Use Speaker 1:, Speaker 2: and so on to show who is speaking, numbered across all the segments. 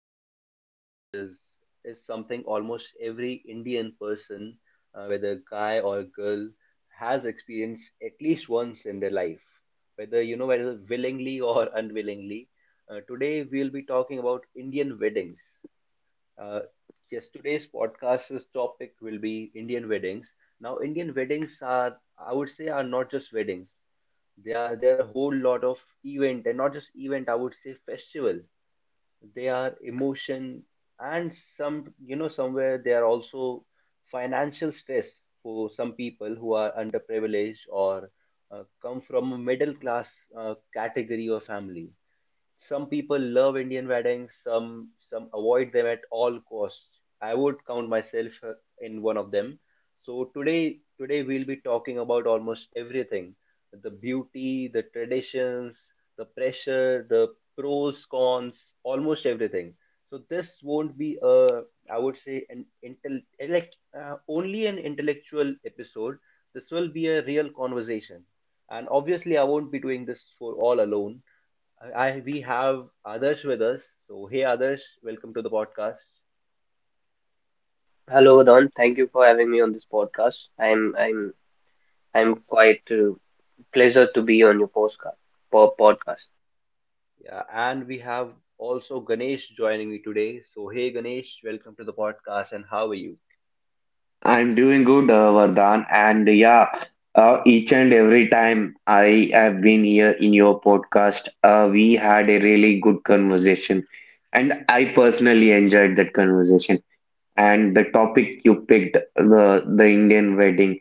Speaker 1: Today's topic is something almost every Indian person, whether guy or girl, has experienced at least once in their life, whether you know whether willingly or unwillingly. Today we'll be talking about Indian weddings. Uh, yes, today's podcast's topic will be Indian weddings. Now, Indian weddings are, I would say, are not just weddings. There are a whole lot of event, and not just event, I would say festival. They are emotion, and somewhere they are also financial stress for some people who are underprivileged or come from a middle class category or family. Some people love Indian weddings, some avoid them at all costs. I would count myself in one of them. So today we'll be talking about almost everything. The beauty, the traditions, the pressure, the pros, cons, almost everything. So this won't be I would say, an intel like only an intellectual episode. This will be a real conversation. And obviously, I won't be doing this for all alone. I, we have others with us. So hey others, welcome to the podcast.
Speaker 2: Hello, Don. Thank you for having me on this podcast. I'm quite pleasure to be on your postcard po podcast.
Speaker 1: Yeah, and we have also Ganesh joining me today. So hey Ganesh, welcome to the podcast, and how are you?
Speaker 3: I'm doing good, Vardhan, and each and every time I have been here in your podcast, we had a really good conversation, and I personally enjoyed that conversation. And the topic you picked, the Indian wedding,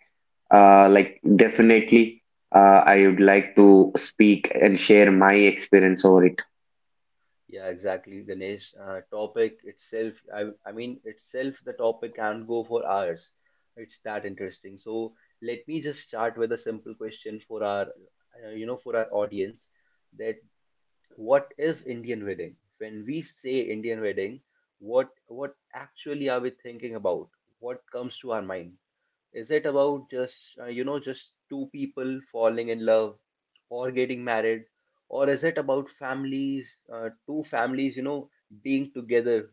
Speaker 3: definitely, I would like to speak and share my experience over it.
Speaker 1: Yeah, exactly, Ganesh. Topic itself, I mean itself, the topic can go for hours. It's that interesting. So let me just start with a simple question for our audience. That what is Indian wedding? When we say Indian wedding, what actually are we thinking about? What comes to our mind? Is it about just you know just two people falling in love or getting married, or is it about families, two families being together?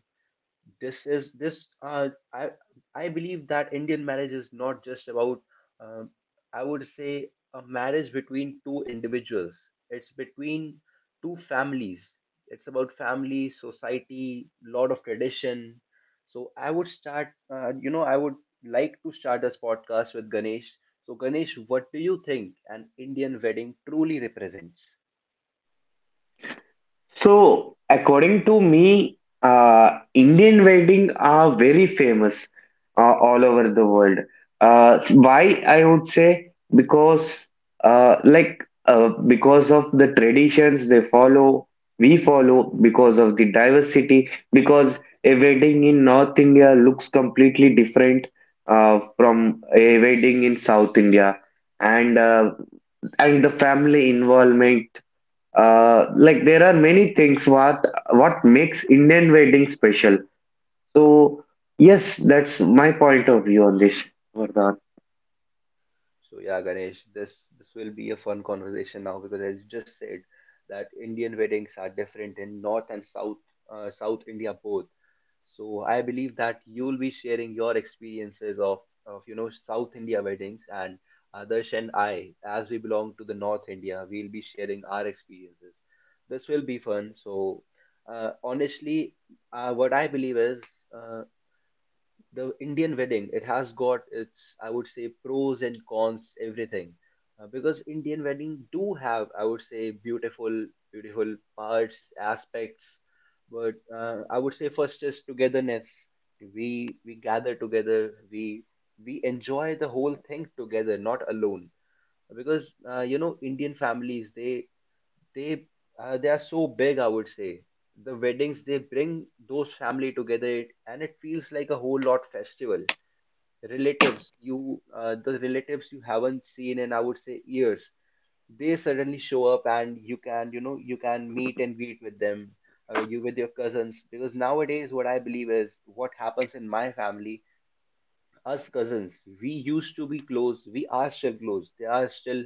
Speaker 1: This is this uh, i i believe that Indian marriage is not just about, um, I would say, a marriage between two individuals. It's between two families. It's about family, society, lot of tradition. So I would like to start this podcast with Ganesh. So Ganesh, what do you think an Indian wedding truly represents?
Speaker 3: So, according to me, Indian wedding are very famous all over the world. Why I would say because because of the traditions they follow, we follow because of the diversity. Because a wedding in North India looks completely different from a wedding in South India, and uh, and the family involvement there are many things what makes Indian wedding special. So yes, that's my point of view on this, Vardhan.
Speaker 1: So yeah, Ganesh, this will be a fun conversation now because as you just said that Indian weddings are different in North and South, South India both. So I believe that you'll be sharing your experiences of South India weddings, and Adarsh and I, as we belong to the North India, we'll be sharing our experiences. This will be fun. So honestly, what I believe is. Uh, the Indian wedding, it has got its, I would say, pros and cons, everything. Because Indian wedding do have, I would say, beautiful, beautiful parts, aspects. But I would say first is togetherness. We gather together. We enjoy the whole thing together, not alone. Because you know, Indian families, they they are so big. I would say the weddings they bring those family together, and it feels like a whole lot festival. Relatives you the relatives you haven't seen in, I would say, years, they suddenly show up, and you can meet and greet with them, you with your cousins. Because nowadays what I believe is what happens in my family: us cousins, we used to be close, we are still close. They are still,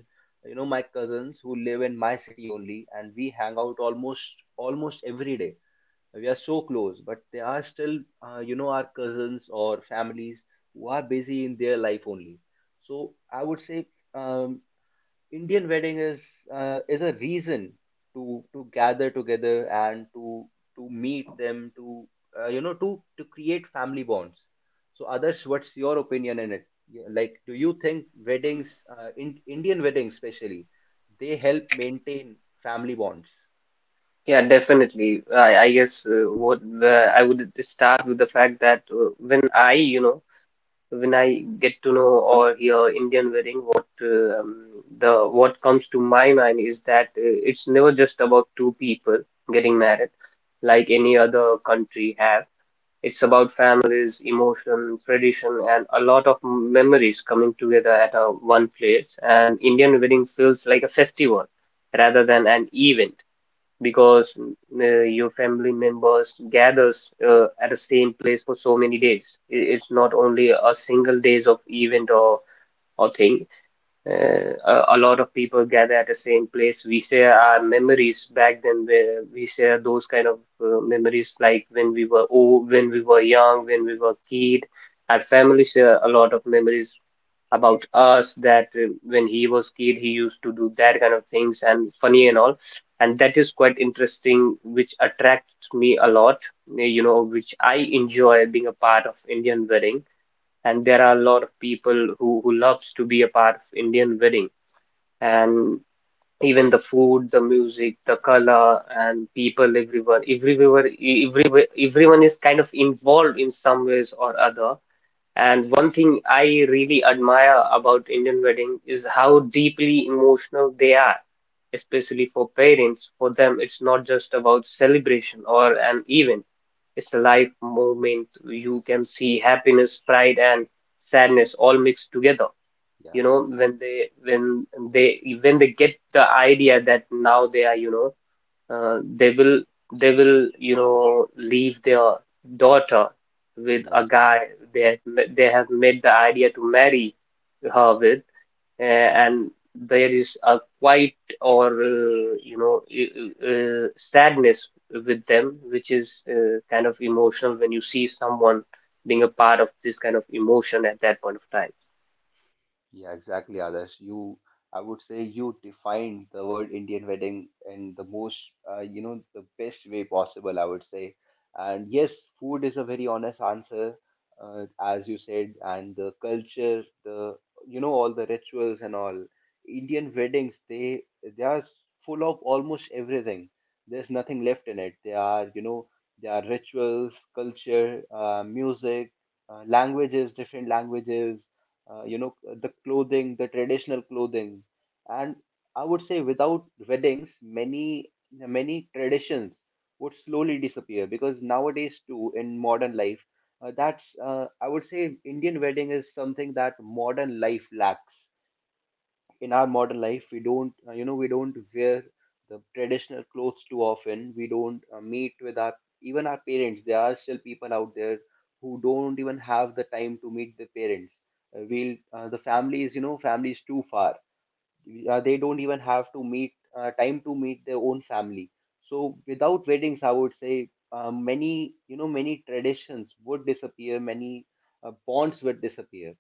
Speaker 1: you know, my cousins who live in my city only, and we hang out almost every day. We are so close, but they are still, you know, our cousins or families who are busy in their life only. So I would say, um, Indian wedding is, a reason to gather together, and to meet them, to uh, you know to create family bonds. So others, what's your opinion in it? Yeah, like do you think weddings in indian weddings especially, they help maintain family bonds?
Speaker 2: Yeah, definitely. I guess I would start with the fact that when I when I get to know or hear Indian wedding, what the what comes to my mind is that it's never just about two people getting married, like any other country have. It's about families, emotion, tradition, and a lot of memories coming together at a one place. And Indian wedding feels like a festival rather than an event because your family members gathers at the same place for so many days. It's not only a single days of event or thing uh, a lot of people gather at the same place. We share our memories back then, where we share those kind of memories, like when we were old, when we were young, when we were kid. Our family share a lot of memories about us that when he was kid, he used to do that kind of things and funny and all. And that is quite interesting, which attracts me a lot, you know, which I enjoy being a part of Indian wedding. And there are a lot of people who loves to be a part of Indian wedding and even the food, the music, the color, and people everyone everywhere, everywhere, everyone is kind of involved in some ways or other. And one thing I really admire about Indian wedding is how deeply emotional they are, especially for parents. For them, it's not just about celebration or an event. It's a life moment. You can see happiness, pride, and sadness all mixed together. You
Speaker 1: Yeah.
Speaker 2: know, when they when they when they get the idea that now they are, you know, they will you know, leave their daughter with
Speaker 1: Yeah,
Speaker 2: a guy.
Speaker 1: exactly.
Speaker 2: They have, they have made the idea to marry her with, uh, and there is a quiet or sadness with them, which is kind of emotional when you see someone being a part of this kind of emotion at that point of time.
Speaker 1: Yeah, exactly, Adarsh. I would say you defined the word Indian wedding in the most, you know, the best way possible, I would say. And yes, food is a very honest answer, as you said, and the culture, all the rituals and all. Indian weddings, they are full of almost everything. There's nothing left in it. They are, you know, there are rituals, culture, music, languages, different languages, uh, you know the clothing the traditional clothing and I would say, without weddings, many traditions would slowly disappear, because nowadays too, in modern life, that's I would say Indian wedding is something that modern life lacks. In our modern life, we don't wear the traditional clothes too often. We don't meet with our even our parents. There are still people out there who don't even have the time to meet the parents. Uh, we'll uh, the families, you know, families too far, they don't even have to meet time to meet their own family. So without weddings, I would say, many you know many traditions would disappear, many bonds would disappear.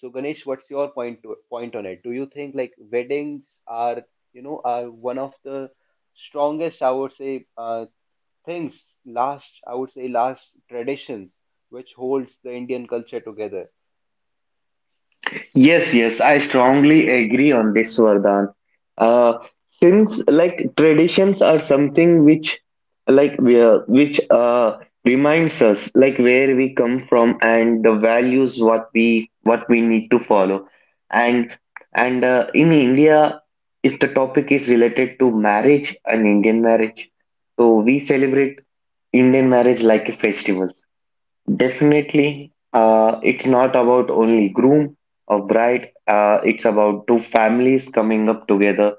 Speaker 1: So Ganesh, what's your point on it? Do you think like weddings are you know are one of the strongest, I would say, things last traditions which holds the Indian culture together?
Speaker 3: Yes, yes, I strongly agree on this, Vardhan. Uh, since like traditions are something which like we are- which uh reminds us like where we come from and the values what we need to follow. And and in India, if the topic is related to marriage and Indian marriage, so we celebrate Indian marriage like a festival. Definitely, it's not about only groom or bride. It's about two families coming up together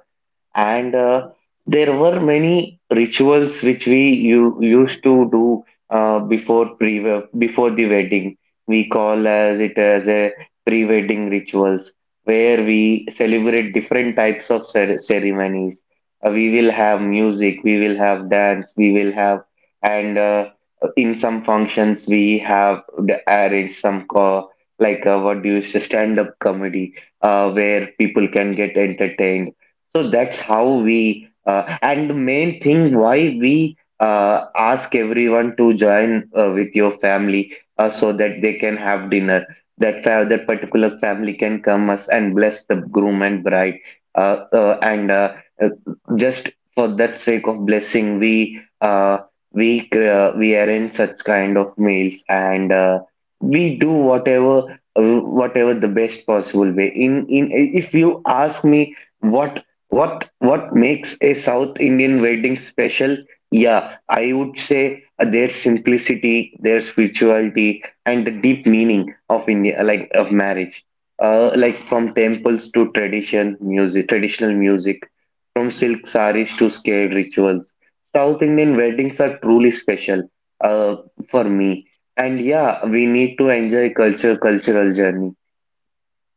Speaker 3: and there were many rituals which used to do uh, before pre before the wedding we call as it as a pre-wedding rituals where we celebrate different types of ceremonies. We will have music, we will have dance, we will have and in some functions we have arranged some co like what do you say, stand-up comedy where people can get entertained. So that's how and the main thing why we ask everyone to join with your family so that they can have dinner. That particular family can come us and bless the groom and bride. And uh, just for that sake of blessing, we arrange such kind of meals and we do whatever whatever the best possible way. In If you ask me what what makes a South Indian wedding special? Yeah, I would say their simplicity, their spirituality, and the deep meaning of India, like of marriage. From temples to traditional music, from silk saris to scared rituals. South Indian weddings are truly special, uh, for me. And yeah, we need to enjoy cultural journey,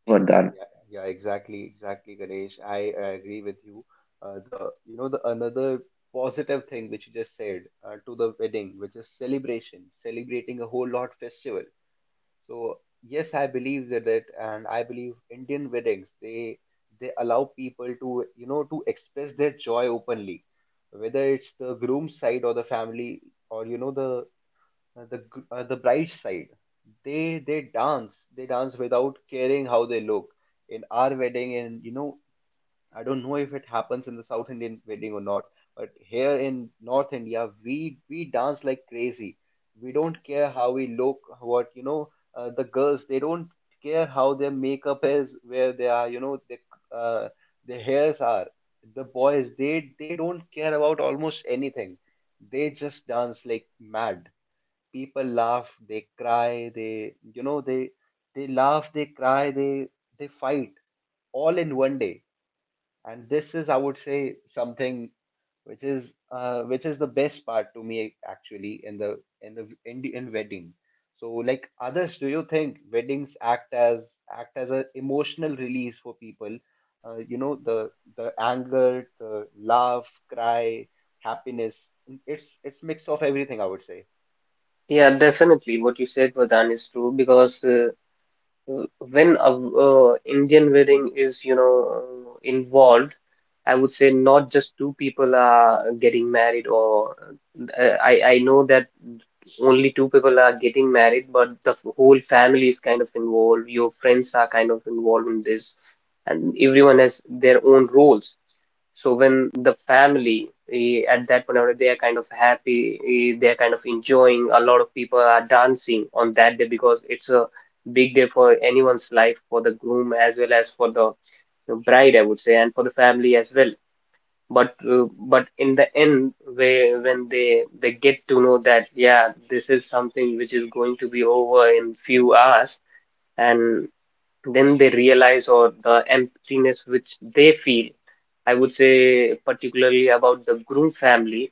Speaker 3: Vardhan.
Speaker 1: Yeah, yeah, exactly, exactly, Ganesh. I agree with you. The, another positive thing which you just said, to the wedding, which is celebration, celebrating a whole lot festival. So yes, I believe that, and I believe Indian weddings, they allow people to, express their joy openly, whether it's the groom's side or the family or the bright side. They dance without caring how they look in our wedding. And you know, I don't know if it happens in the south Indian wedding or not, but here in north India, we dance like crazy. We don't care how we look. What you know uh, the girls, they don't care how their makeup is, where they are you know they, uh, their hairs are. The boys, they don't care about almost anything. They just dance like mad. People laugh, they cry, they laugh, they cry, they fight, all in one day. And this is, I would say, something which is the best part to me, actually, in the, in wedding. So like others, do you think weddings act as an emotional release for people? The anger, the laugh, cry, happiness, it's mix of everything, I would say.
Speaker 2: Yeah, definitely. What you said, Vardhan, is true because when a Indian wedding is, you know, involved, I would say not just two people are getting married, or uh, I know that only two people are getting married, but the whole family is kind of involved. Your friends are kind of involved in this, and everyone has their own roles. So when the family at that point they are kind of happy, they are kind of enjoying. A lot of people are dancing on that day because it's a big day for anyone's life, for the groom as well as for the bride, I would say, and for the family as well. But in the end, where when they get to know that yeah, this is something which is going to be over in few hours, and then they realize or the emptiness which they feel. I would say particularly about the groom family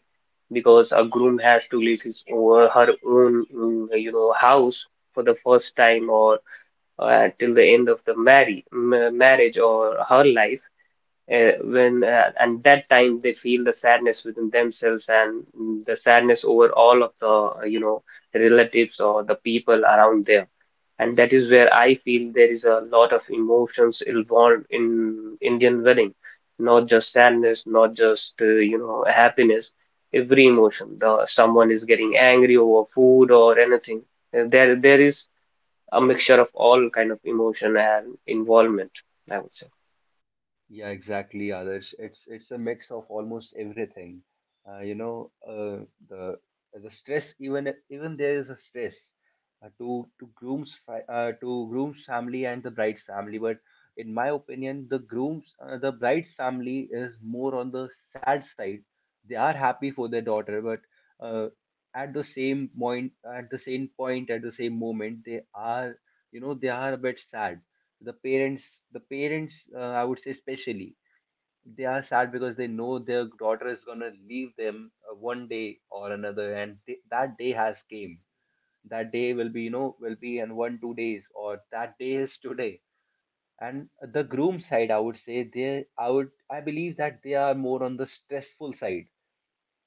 Speaker 2: because a groom has to leave his or her own you know house for the first time or till the end of the marriage or her life when and that time they feel the sadness within themselves and the sadness over all of the you know relatives or the people around there, and that is where I feel there is a lot of emotions involved in Indian wedding, not just sadness, not just you know happiness, every emotion, the someone is getting angry over food or anything. There is a mixture of all kind of emotion and involvement, I would say.
Speaker 1: Yeah, exactly, Adarsh. It's a mix of almost everything. The stress, even there is a stress, to groom's family and the bride's family. But in my opinion, the bride's family is more on the sad side. They are happy for their daughter, but uh, at the same point, at the same point, at the same moment, they are a bit sad. The parents the parents I would say, especially, they are sad because they know their daughter is going to leave them, one day or another, and that day has came. That day will be in 1-2 days, or that day is today. And the groom side, I would say, they I would I believe that they are more on the stressful side,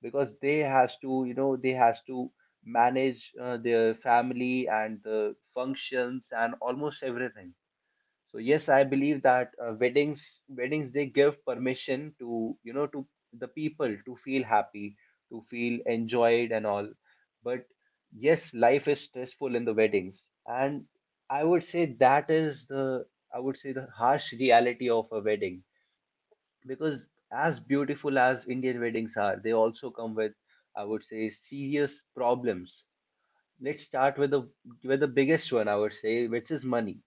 Speaker 1: because they has to manage their family, and the functions, and almost everything. So yes, I believe that, weddings, they give permission to, the people to feel happy, to feel enjoyed and all. But yes, life is stressful in the weddings, and I would say that is the I would say the harsh reality of a wedding, because as beautiful as Indian weddings are, they also come with, I would say, serious problems. Let's start with the, biggest one, I would say, which is money.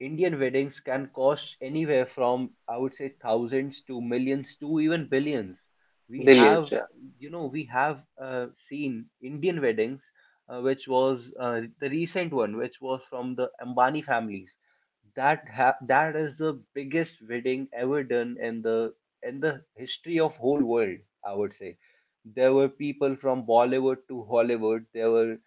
Speaker 1: Indian weddings can cost anywhere from, I would say, thousands to millions to even billions. We
Speaker 2: Billions.
Speaker 1: have, we have seen Indian weddings, which was, the recent one, which was from the Ambani families. That is the biggest wedding ever done in the history of whole world. I would say there were people from Bollywood to Hollywood.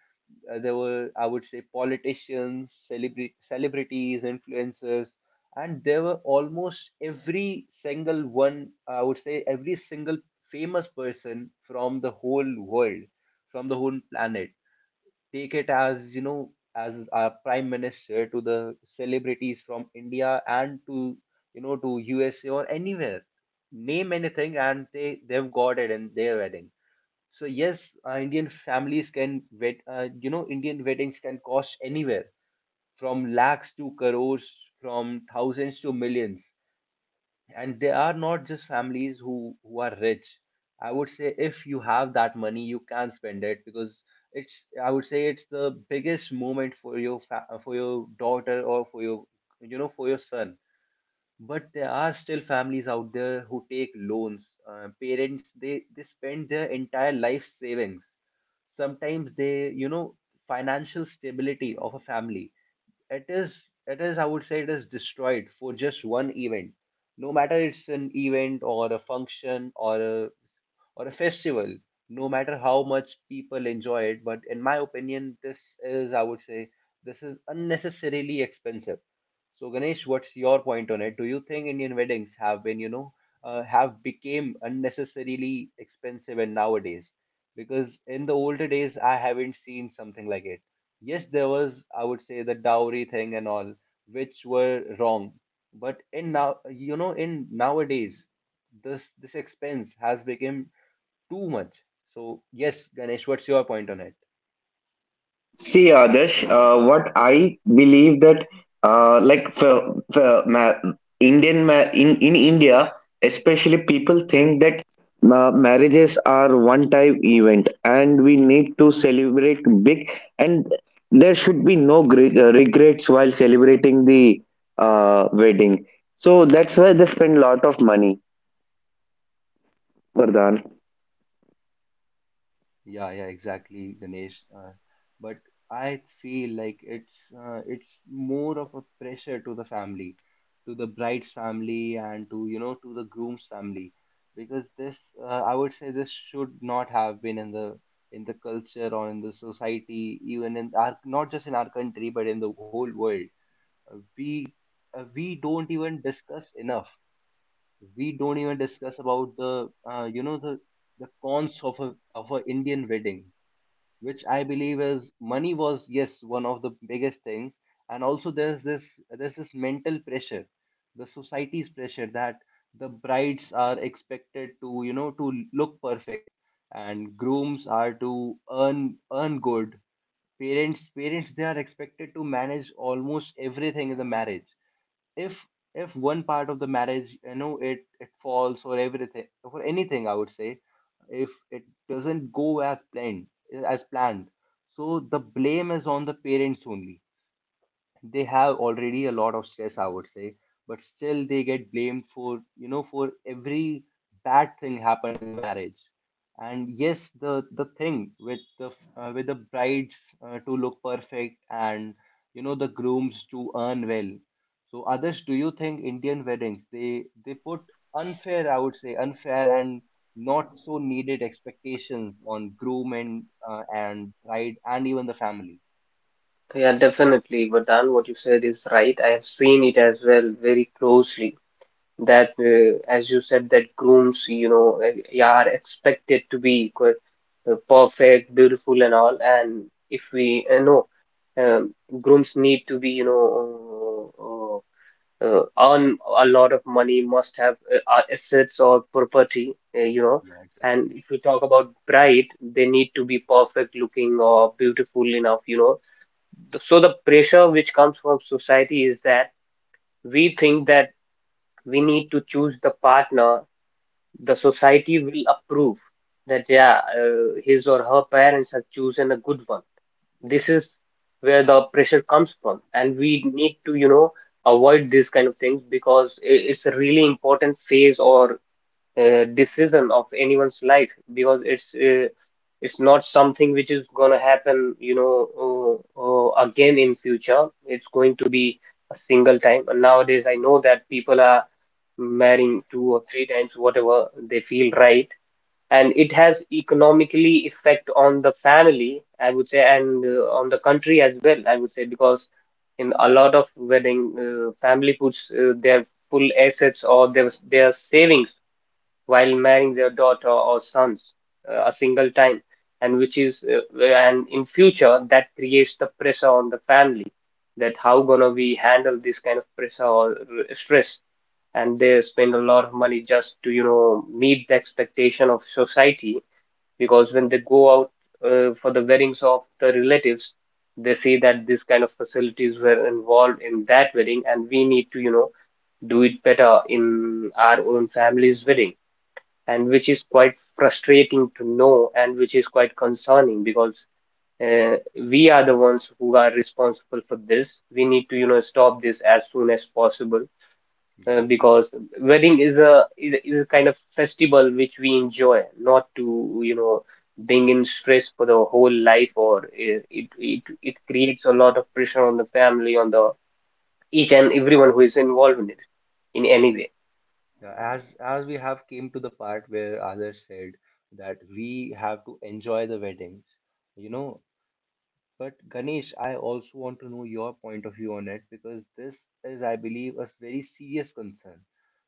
Speaker 1: There were I would say politicians celebrities, influencers, and there were almost every single one, I would say every single famous person from the whole world, from the whole planet. Take it as as our prime minister to the celebrities from India and to to USA or anywhere. Name anything and they've got it in their wedding. So yes, Indian families can wed, Indian weddings can cost anywhere from lakhs to crores, from thousands to millions, and they are not just families who are rich. I would say if you have that money, you can spend it because it's, I would say, it's the biggest moment for your for your daughter or for your, for your son. But there are still families out there who take loans. Parents, they spend their entire life savings. Sometimes they, financial stability of a family. It is, I would say, it is destroyed for just one event. No matter it's an event or a function or a festival, no matter how much people enjoy it. But in my opinion, this is, I would say, this is unnecessarily expensive. So Ganesh, what's your point on it? Do you think Indian weddings have been, have became unnecessarily expensive and nowadays? Because in the older days, I haven't seen something like it. Yes, there was, I would say, the dowry thing and all, which were wrong. But in now, in nowadays, this expense has become too much. So yes, Ganesh, what's your point on it?
Speaker 3: See, Adarsh, what I believe that like for ma- Indian ma- in India, especially people think that marriages are one-time event, and we need to celebrate big, and there should be no regrets while celebrating the wedding. So that's why they spend a lot of money, Vardhan.
Speaker 1: Yeah, yeah, exactly, Ganesh. But I feel like it's more of a pressure to the family, to the bride's family, and to, to the groom's family, because this, I would say, this should not have been in the culture or in the society, even in our, not just in our country, but in the whole world. Uh, we we don't even discuss enough, we don't even discuss about the, the cons of a Indian wedding, which I believe is money was, yes, one of the biggest things. And also there's this, there's this mental pressure, the society's pressure, that the brides are expected to, to look perfect, and grooms are to earn good. Parents, they are expected to manage almost everything in the marriage. if if one part of the marriage, it, it falls, or everything, for anything, I would say, if it doesn't go as planned, as planned so the blame is on the parents only. They have already a lot of stress, I would say, but still they get blamed for, for every bad thing happened in the marriage. And yes, the thing with the, with the brides, to look perfect, and, the grooms to earn well. So others, do you think Indian weddings, they put unfair, I would say, unfair and not so needed expectations on groom, and bride, and even the family?
Speaker 2: Yeah, definitely, Vardhan, what you said is right. I have seen it as well very closely. That, as you said, that grooms, you know, yeah, are expected to be perfect, beautiful, and all. And if we, no, um, grooms need to be, you know, earn a lot of money, must have assets or property, you know.
Speaker 1: Yeah,
Speaker 2: And
Speaker 1: exactly.
Speaker 2: if we talk about bride, they need to be perfect looking or beautiful enough, you know, so the pressure which comes from society is that we think that we need to choose the partner the society will approve, that yeah, his or her parents have chosen a good one. This is where the pressure comes from, and we need to, you know, avoid these kind of things because it's a really important phase or decision of anyone's life because it's not something which is gonna happen, you know, again in future. It's going to be a single time. And nowadays, I know that people are marrying two or three times, whatever they feel right, and it has economically effect on the family, I would say, and on the country as well, I would say, because in a lot of wedding, family puts their full assets or their savings while marrying their daughter or sons a single time, and which is and in future that creates the pressure on the family, that how gonna we handle this kind of pressure or stress, and they spend a lot of money just to you know meet the expectation of society, because when they go out for the weddings of the relatives, they see that this kind of facilities were involved in that wedding and we need to you know do it better in our own family's wedding, and which is quite frustrating to know and which is quite concerning because uh, we are the ones who are responsible for this. We need to, you know, stop this as soon as possible
Speaker 1: Yeah.
Speaker 2: because wedding is a is a kind of festival which we enjoy, not to, you know, bring in stress for the whole life or it creates a lot of pressure on the family, on the each and everyone who is involved in it in any way.
Speaker 1: Yeah, as we have came to the part where others said that we have to enjoy the weddings, you know. But Ganesh, I also want to know your point of view on it, because this is, I believe, a very serious concern.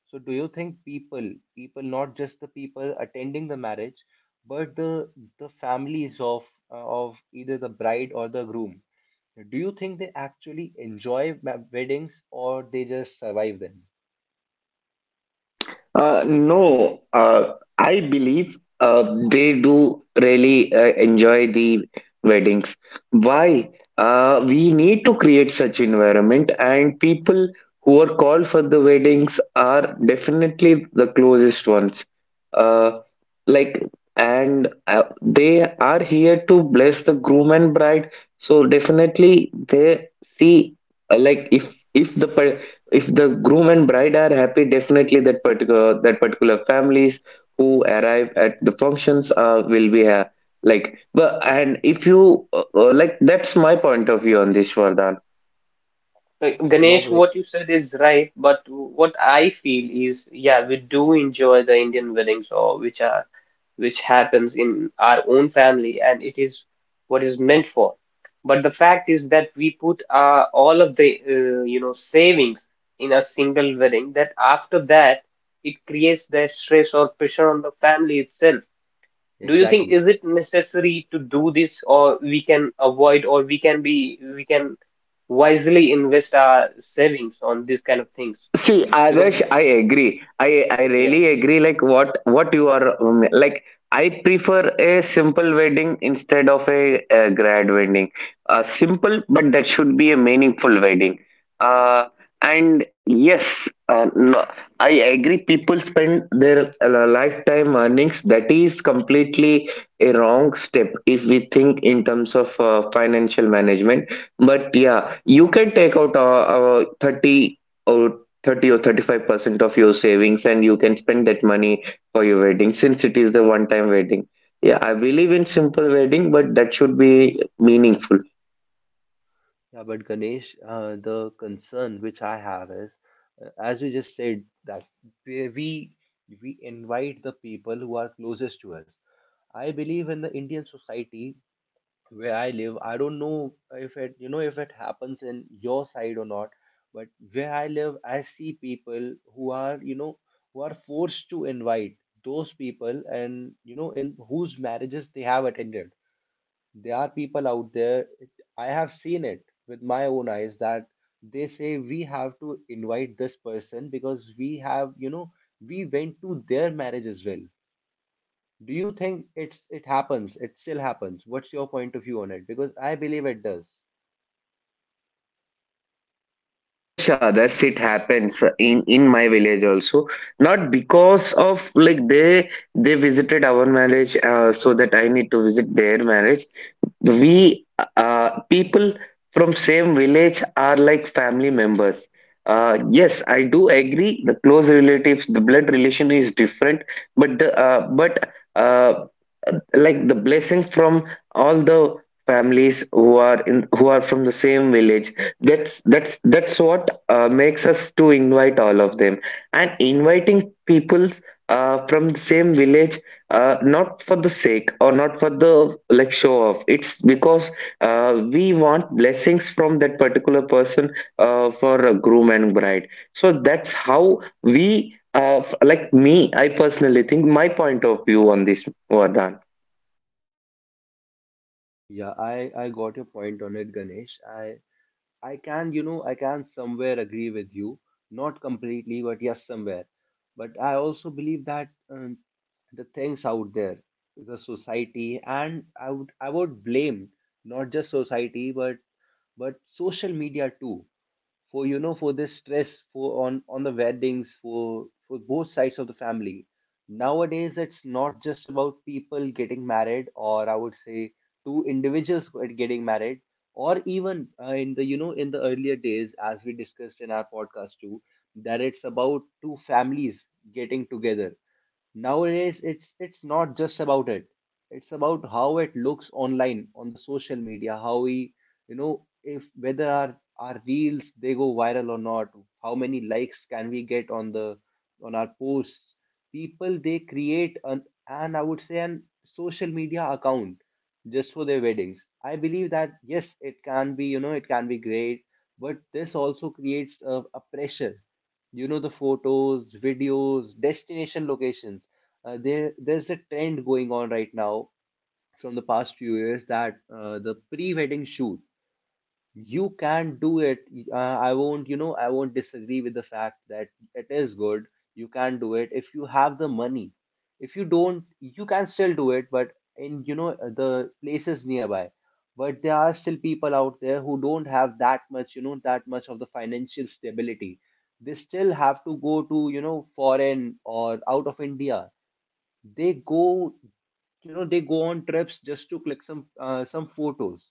Speaker 1: So, do you think people, people, not just the people attending the marriage, but the families of, of either the bride or the groom, do you think they actually enjoy weddings, or they just survive them?
Speaker 3: No, I believe they do really enjoy the weddings. Why? We need to create such environment, and people who are called for the weddings are definitely the closest ones. Uh, like, and They are here to bless the groom and bride. So definitely they see if if the groom and bride are happy, definitely that particular families who arrive at the functions will be but and if you like that's my point of view on this, Vardhan.
Speaker 1: So, no,
Speaker 2: Ganesh,
Speaker 1: Ganesh.
Speaker 2: what you said is right, but what I feel is, yeah, we do enjoy the Indian weddings or which are which happens in our own family, and it is what is meant for. But the fact is that we put all of the you know savings in a single wedding. That after that, it creates that stress or pressure on the family itself. Do you think
Speaker 1: Exactly.
Speaker 2: is it necessary to do this, or we can avoid, or we can wisely invest our savings on these kind of things?
Speaker 3: See,
Speaker 2: Because
Speaker 3: Adarsh, I agree. I
Speaker 2: yeah,
Speaker 3: really agree. Like what you are I prefer a simple wedding instead of a grad wedding. Simple, but that should be a meaningful wedding. Uh, and yes, no, I agree. People spend their lifetime earnings. That is completely a wrong step if we think in terms of financial management. But yeah, you can take out thirty. 30 or 35% of your savings, and you can spend that money for your wedding, since it is the one time wedding. Yeah, I believe in simple wedding, but that should be meaningful.
Speaker 1: Yeah, but Ganesh, the concern which I have is, as we just said, that we we we invite the people who are closest to us. I believe in the Indian society where I live. I don't know if it, if it happens in your side or not, but where I live, I see people who are, who are forced to invite those people, and, in whose marriages they have attended. There are people out there, I have seen it with my own eyes, that they say we have to invite this person because we have, we went to their marriage as well. Do you think it's it happens? It still happens. What's your point of view on it? Because I believe it does.
Speaker 3: Yes, others, it happens in my village also. Not because of like they visited our marriage so that I need to visit their marriage. We People from same village are like family members. Yes, I do agree, the close relatives, the blood relation is different, but the but uh, like the blessing from all the families who are in who are from the same village, that's what makes us to invite all of them. And inviting people from the same village, not for the sake or not for the like show off, it's because we want blessings from that particular person for a groom and bride. So that's how we f- like me, I personally think, my point of view on this, Vardhan.
Speaker 1: Yeah, I got your point on it, Ganesh. I can, I can somewhere agree with you, not completely, but yes, somewhere. But I also believe that, the things out there, the society, and I would blame not just society, but social media too, for, for this stress, for on the weddings, for both sides of the family. Nowadays it's not just about people getting married, or, I would say, two individuals who are getting married, or even, in the, in the earlier days, as we discussed in our podcast too, that it's about two families getting together. Nowadays, it's not just about it. It's about how it looks online on the social media, how we, you know, if whether our reels they go viral or not, how many likes can we get on the on our posts. People they create an, and I would say an social media account just for their weddings. I believe that yes, it can be, it can be great, but this also creates a pressure, you know, the photos, videos, destination locations. There's a trend going on right now from the past few years, that, the pre-wedding shoot. You can do it. I won't, I won't disagree with the fact that it is good. You can do it if you have the money. If you don't, you can still do it, but in, the places nearby. But there are still people out there who don't have that much, that much of the financial stability. They still have to go to, foreign or out of India. They go you know, they go on trips just to click some, some photos.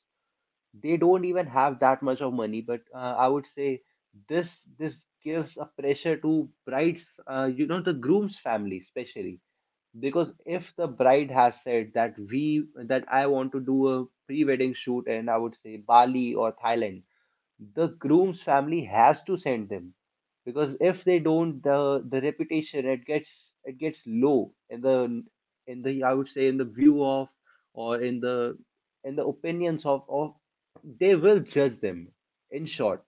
Speaker 1: They don't even have that much of money, but, I would say this, gives a pressure to bride's, the groom's family especially. Because if the bride has said that we that I want to do a pre-wedding shoot, and, I would say, Bali or Thailand, the groom's family has to send them. Because if they don't, the reputation it gets, it gets low in the I would say in the view of, or in the opinions of they will judge them. In short,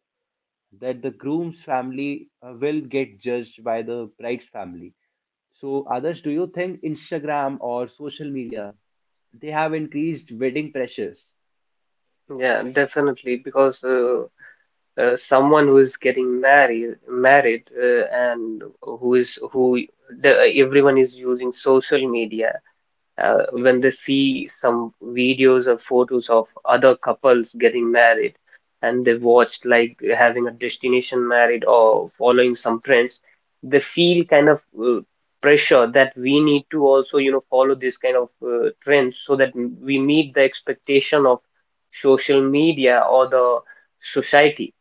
Speaker 1: that the groom's family will get judged by the bride's family. So others, do you think Instagram or social media, they have increased wedding pressures?
Speaker 2: yeah, definitely. Because someone who is getting married, and who is who the, everyone is using social media when they see some videos or photos of other couples getting married and they watch like having a destination married or following some trends, they feel kind of pressure that we need to also, you know, follow this kind of trends so that we meet the expectation of social media or the society.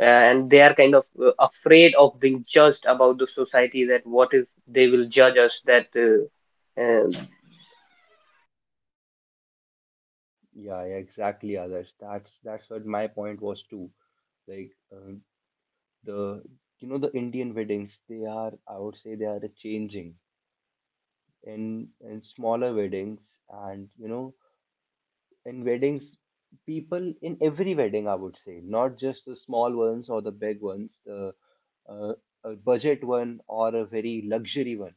Speaker 2: And they are kind of afraid of being judged about the society that what if they will judge us that
Speaker 1: Yeah, yeah, exactly, others, that's what my point was too. Like, the you know, the Indian weddings, they are, I would say, they are changing in smaller weddings, and, you know, in weddings, people in every wedding, I would say, not just the small ones or the big ones, the uh, a budget one or a very luxury one,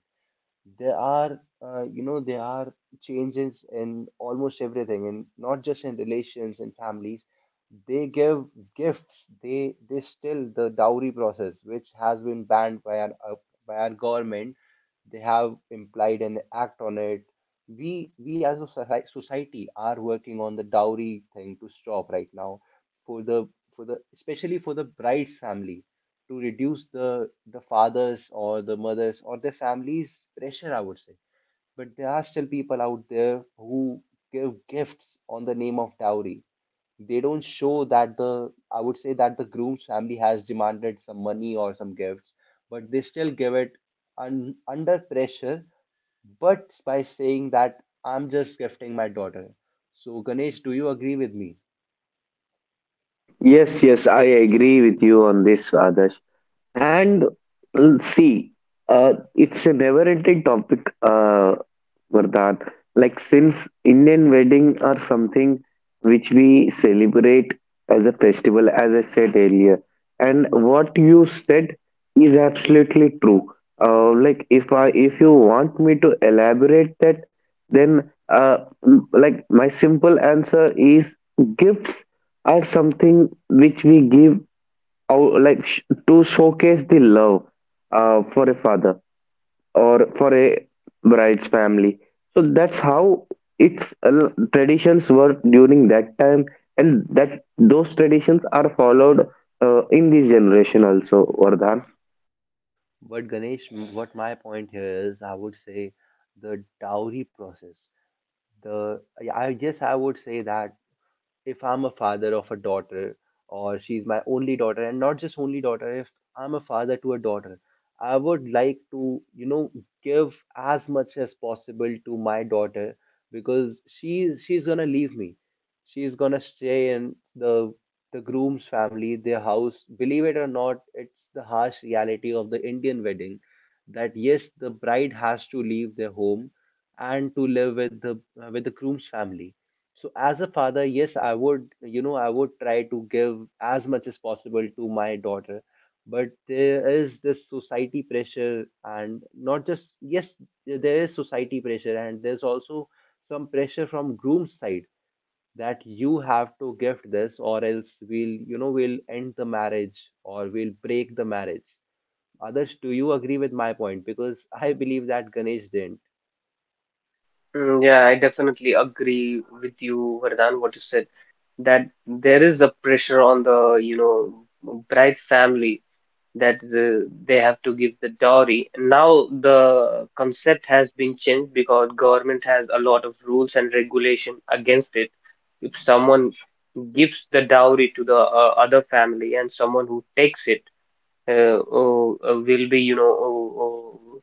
Speaker 1: there are, there are changes in almost everything, and not just in relations and families. They give gifts. They still the dowry process, which has been banned by our, by our government. They have implied an act on it. We as a society are working on the dowry thing to stop right now, for the, for the, especially for the bride's family, to reduce the fathers or the mothers or their families pressure, I would say. But there are still people out there who give gifts on the name of dowry. They don't show that the, I would say that the groom's family has demanded some money or some gifts, but they still give it under pressure, but by saying that I'm just gifting my daughter. So Ganesh, do you agree with me?
Speaker 3: Yes, yes, I agree with you on this, Adarsh. And see, it's a never-ending topic, Vardhan. Like since Indian wedding are something which we celebrate as a festival, as I said earlier, and what you said is absolutely true. If I if you want me to elaborate that, then my simple answer is gifts are something which we give out to showcase the love for a father or for a bride's family. So that's how its traditions were during that time, and that those traditions are followed in this generation also, Vardhan.
Speaker 1: But Ganesh, what my point here is, I would say, the dowry process. The, yeah, I guess I would say that if I'm a father of a daughter, or she's my only daughter, and not just only daughter, if I'm a father to a daughter, I would like to, you know, give as much as possible to my daughter, because she's gonna leave me. She's gonna stay in the groom's family, their house. Believe it or not, it's the harsh reality of the Indian wedding that yes, the bride has to leave their home and to live with the groom's family. So as a father, yes, I would, I would try to give as much as possible to my daughter. But there is this society pressure, and not just yes, there is society pressure, and there's also some pressure from groom's side, that you have to gift this or else we'll, we'll end the marriage or we'll break the marriage. Others, do you agree with my point? Because I believe that Ganesh didn't.
Speaker 2: Mm, yeah, I definitely agree with you, Vardhan, what you said, that there is a pressure on the, you know, bride family, that the, they have to give the dowry. Now the concept has been changed because government has a lot of rules and regulation against it. If someone gives the dowry to the other family and someone who takes it will be, you know, oh, oh,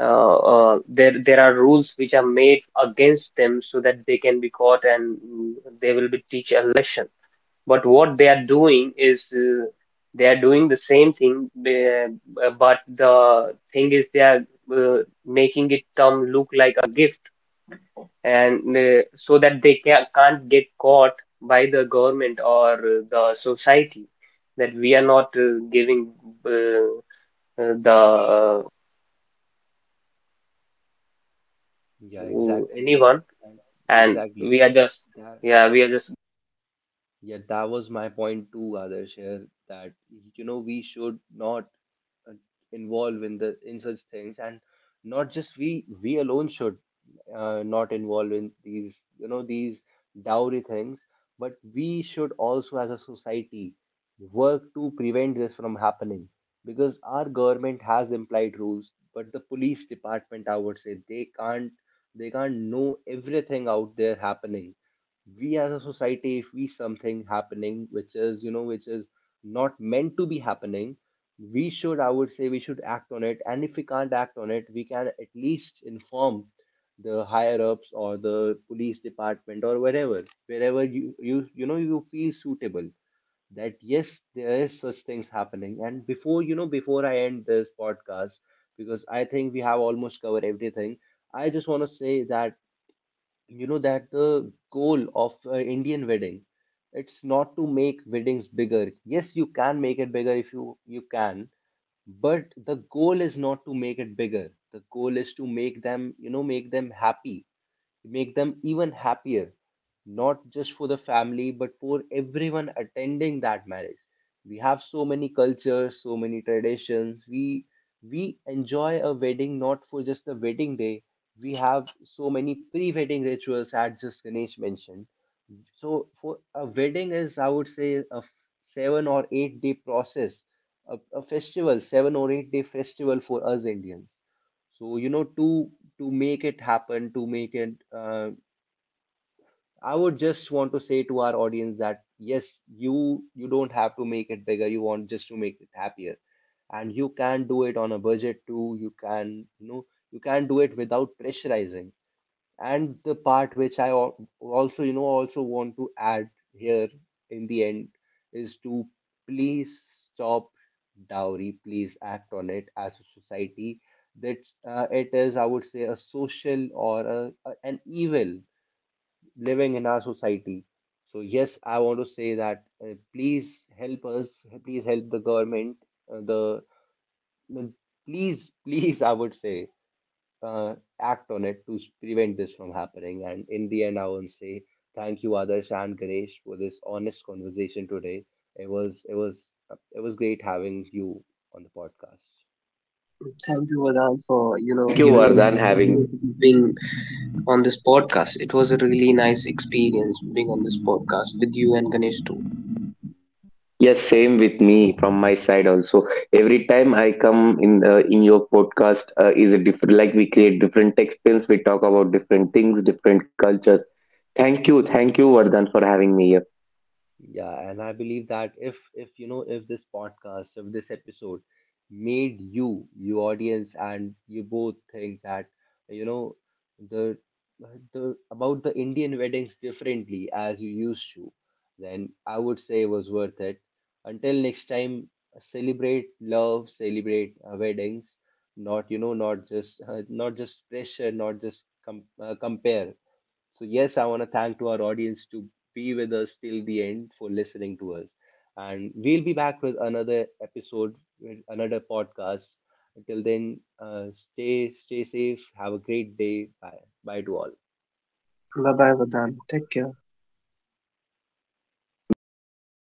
Speaker 2: uh, uh, there there are rules which are made against them so that they can be caught and they will be teach a lesson. But what they are doing is they are doing the same thing, but the thing is they are uh, making it term look like a gift, and so that they can't get caught by the government or the society, that we are not giving uh, the
Speaker 1: Yeah, exactly, and,
Speaker 2: anyone
Speaker 1: and
Speaker 2: and
Speaker 1: exactly
Speaker 2: we are just
Speaker 1: that.
Speaker 2: yeah we are just
Speaker 1: Yeah, that was my point too, Adarsh, here, that we should not uh, involve in the in such things, and not just we alone should not involve in these, these dowry things, but we should also as a society work to prevent this from happening. Because our government has implied rules, but the police department, I would say, they can't, they can't know everything out there happening. We as a society, if we something happening which is, which is not meant to be happening, we should, I would say, we should act on it. And if we can't act on it, we can at least inform the higher ups or the police department, or wherever you you you know you feel suitable, that yes, there is such things happening. And before before I end this podcast, because I think we have almost covered everything, I just want to say that, that the goal of Indian wedding, it's not to make weddings bigger. Yes, you can make it bigger if you you can, but the goal is not to make it bigger. The goal is to make them, make them happy, make them even happier, not just for the family, but for everyone attending that marriage. We have so many cultures, so many traditions. We enjoy a wedding not for just the wedding day. We have so many pre-wedding rituals, as just Ganesh mentioned. So for a wedding is, I would say, 7 or 8 day process, a festival, 7 or 8 day festival for us Indians. So, to make it happen, to make it, I would just want to say to our audience that yes, you don't have to make it bigger. You want just to make it happier, and you can do it on a budget too. You can, you can do it without pressurizing. And the part which also, also want to add here in the end is to please stop dowry. Please act on it as a society. That it is, I would say, a social or an evil living in our society. So yes, I want to say that please help us, please help the government, uh, the the- please please, I would say, uh, act on it to prevent this from happening. And in the end, I want to say thank you, Adarsh and Ganesh, for this honest conversation today. It was, it was great having you on the podcast.
Speaker 2: Thank you, Vedant, for you know
Speaker 3: Thank you,
Speaker 2: giving me
Speaker 3: Vardhan,
Speaker 2: the
Speaker 3: having.
Speaker 2: opportunity to being on this podcast. It was a really nice experience being on this podcast with you and Ganesh too.
Speaker 3: Yes,
Speaker 1: Yeah,
Speaker 3: same with me from my side also. Every time I come in your podcast is a different. Like we create different textiles, we talk about different things, different cultures. Thank you, Vardhan, for having me here.
Speaker 1: yeah, and I believe that if if this podcast, if this episode made you, you audience, and you both think that, you know the the about the Indian weddings differently as you used to, then I would say it was worth it. Until next time, celebrate love, celebrate weddings, not, not just not just pressure, not just compare. So yes, I want to thank to our audience to be with us till the end for listening to us. And we'll be back with another episode, with another podcast. Until then, stay safe. Have a great day. Bye bye to all.
Speaker 2: Bye bye, Vedant. Take care.
Speaker 3: Bye bye.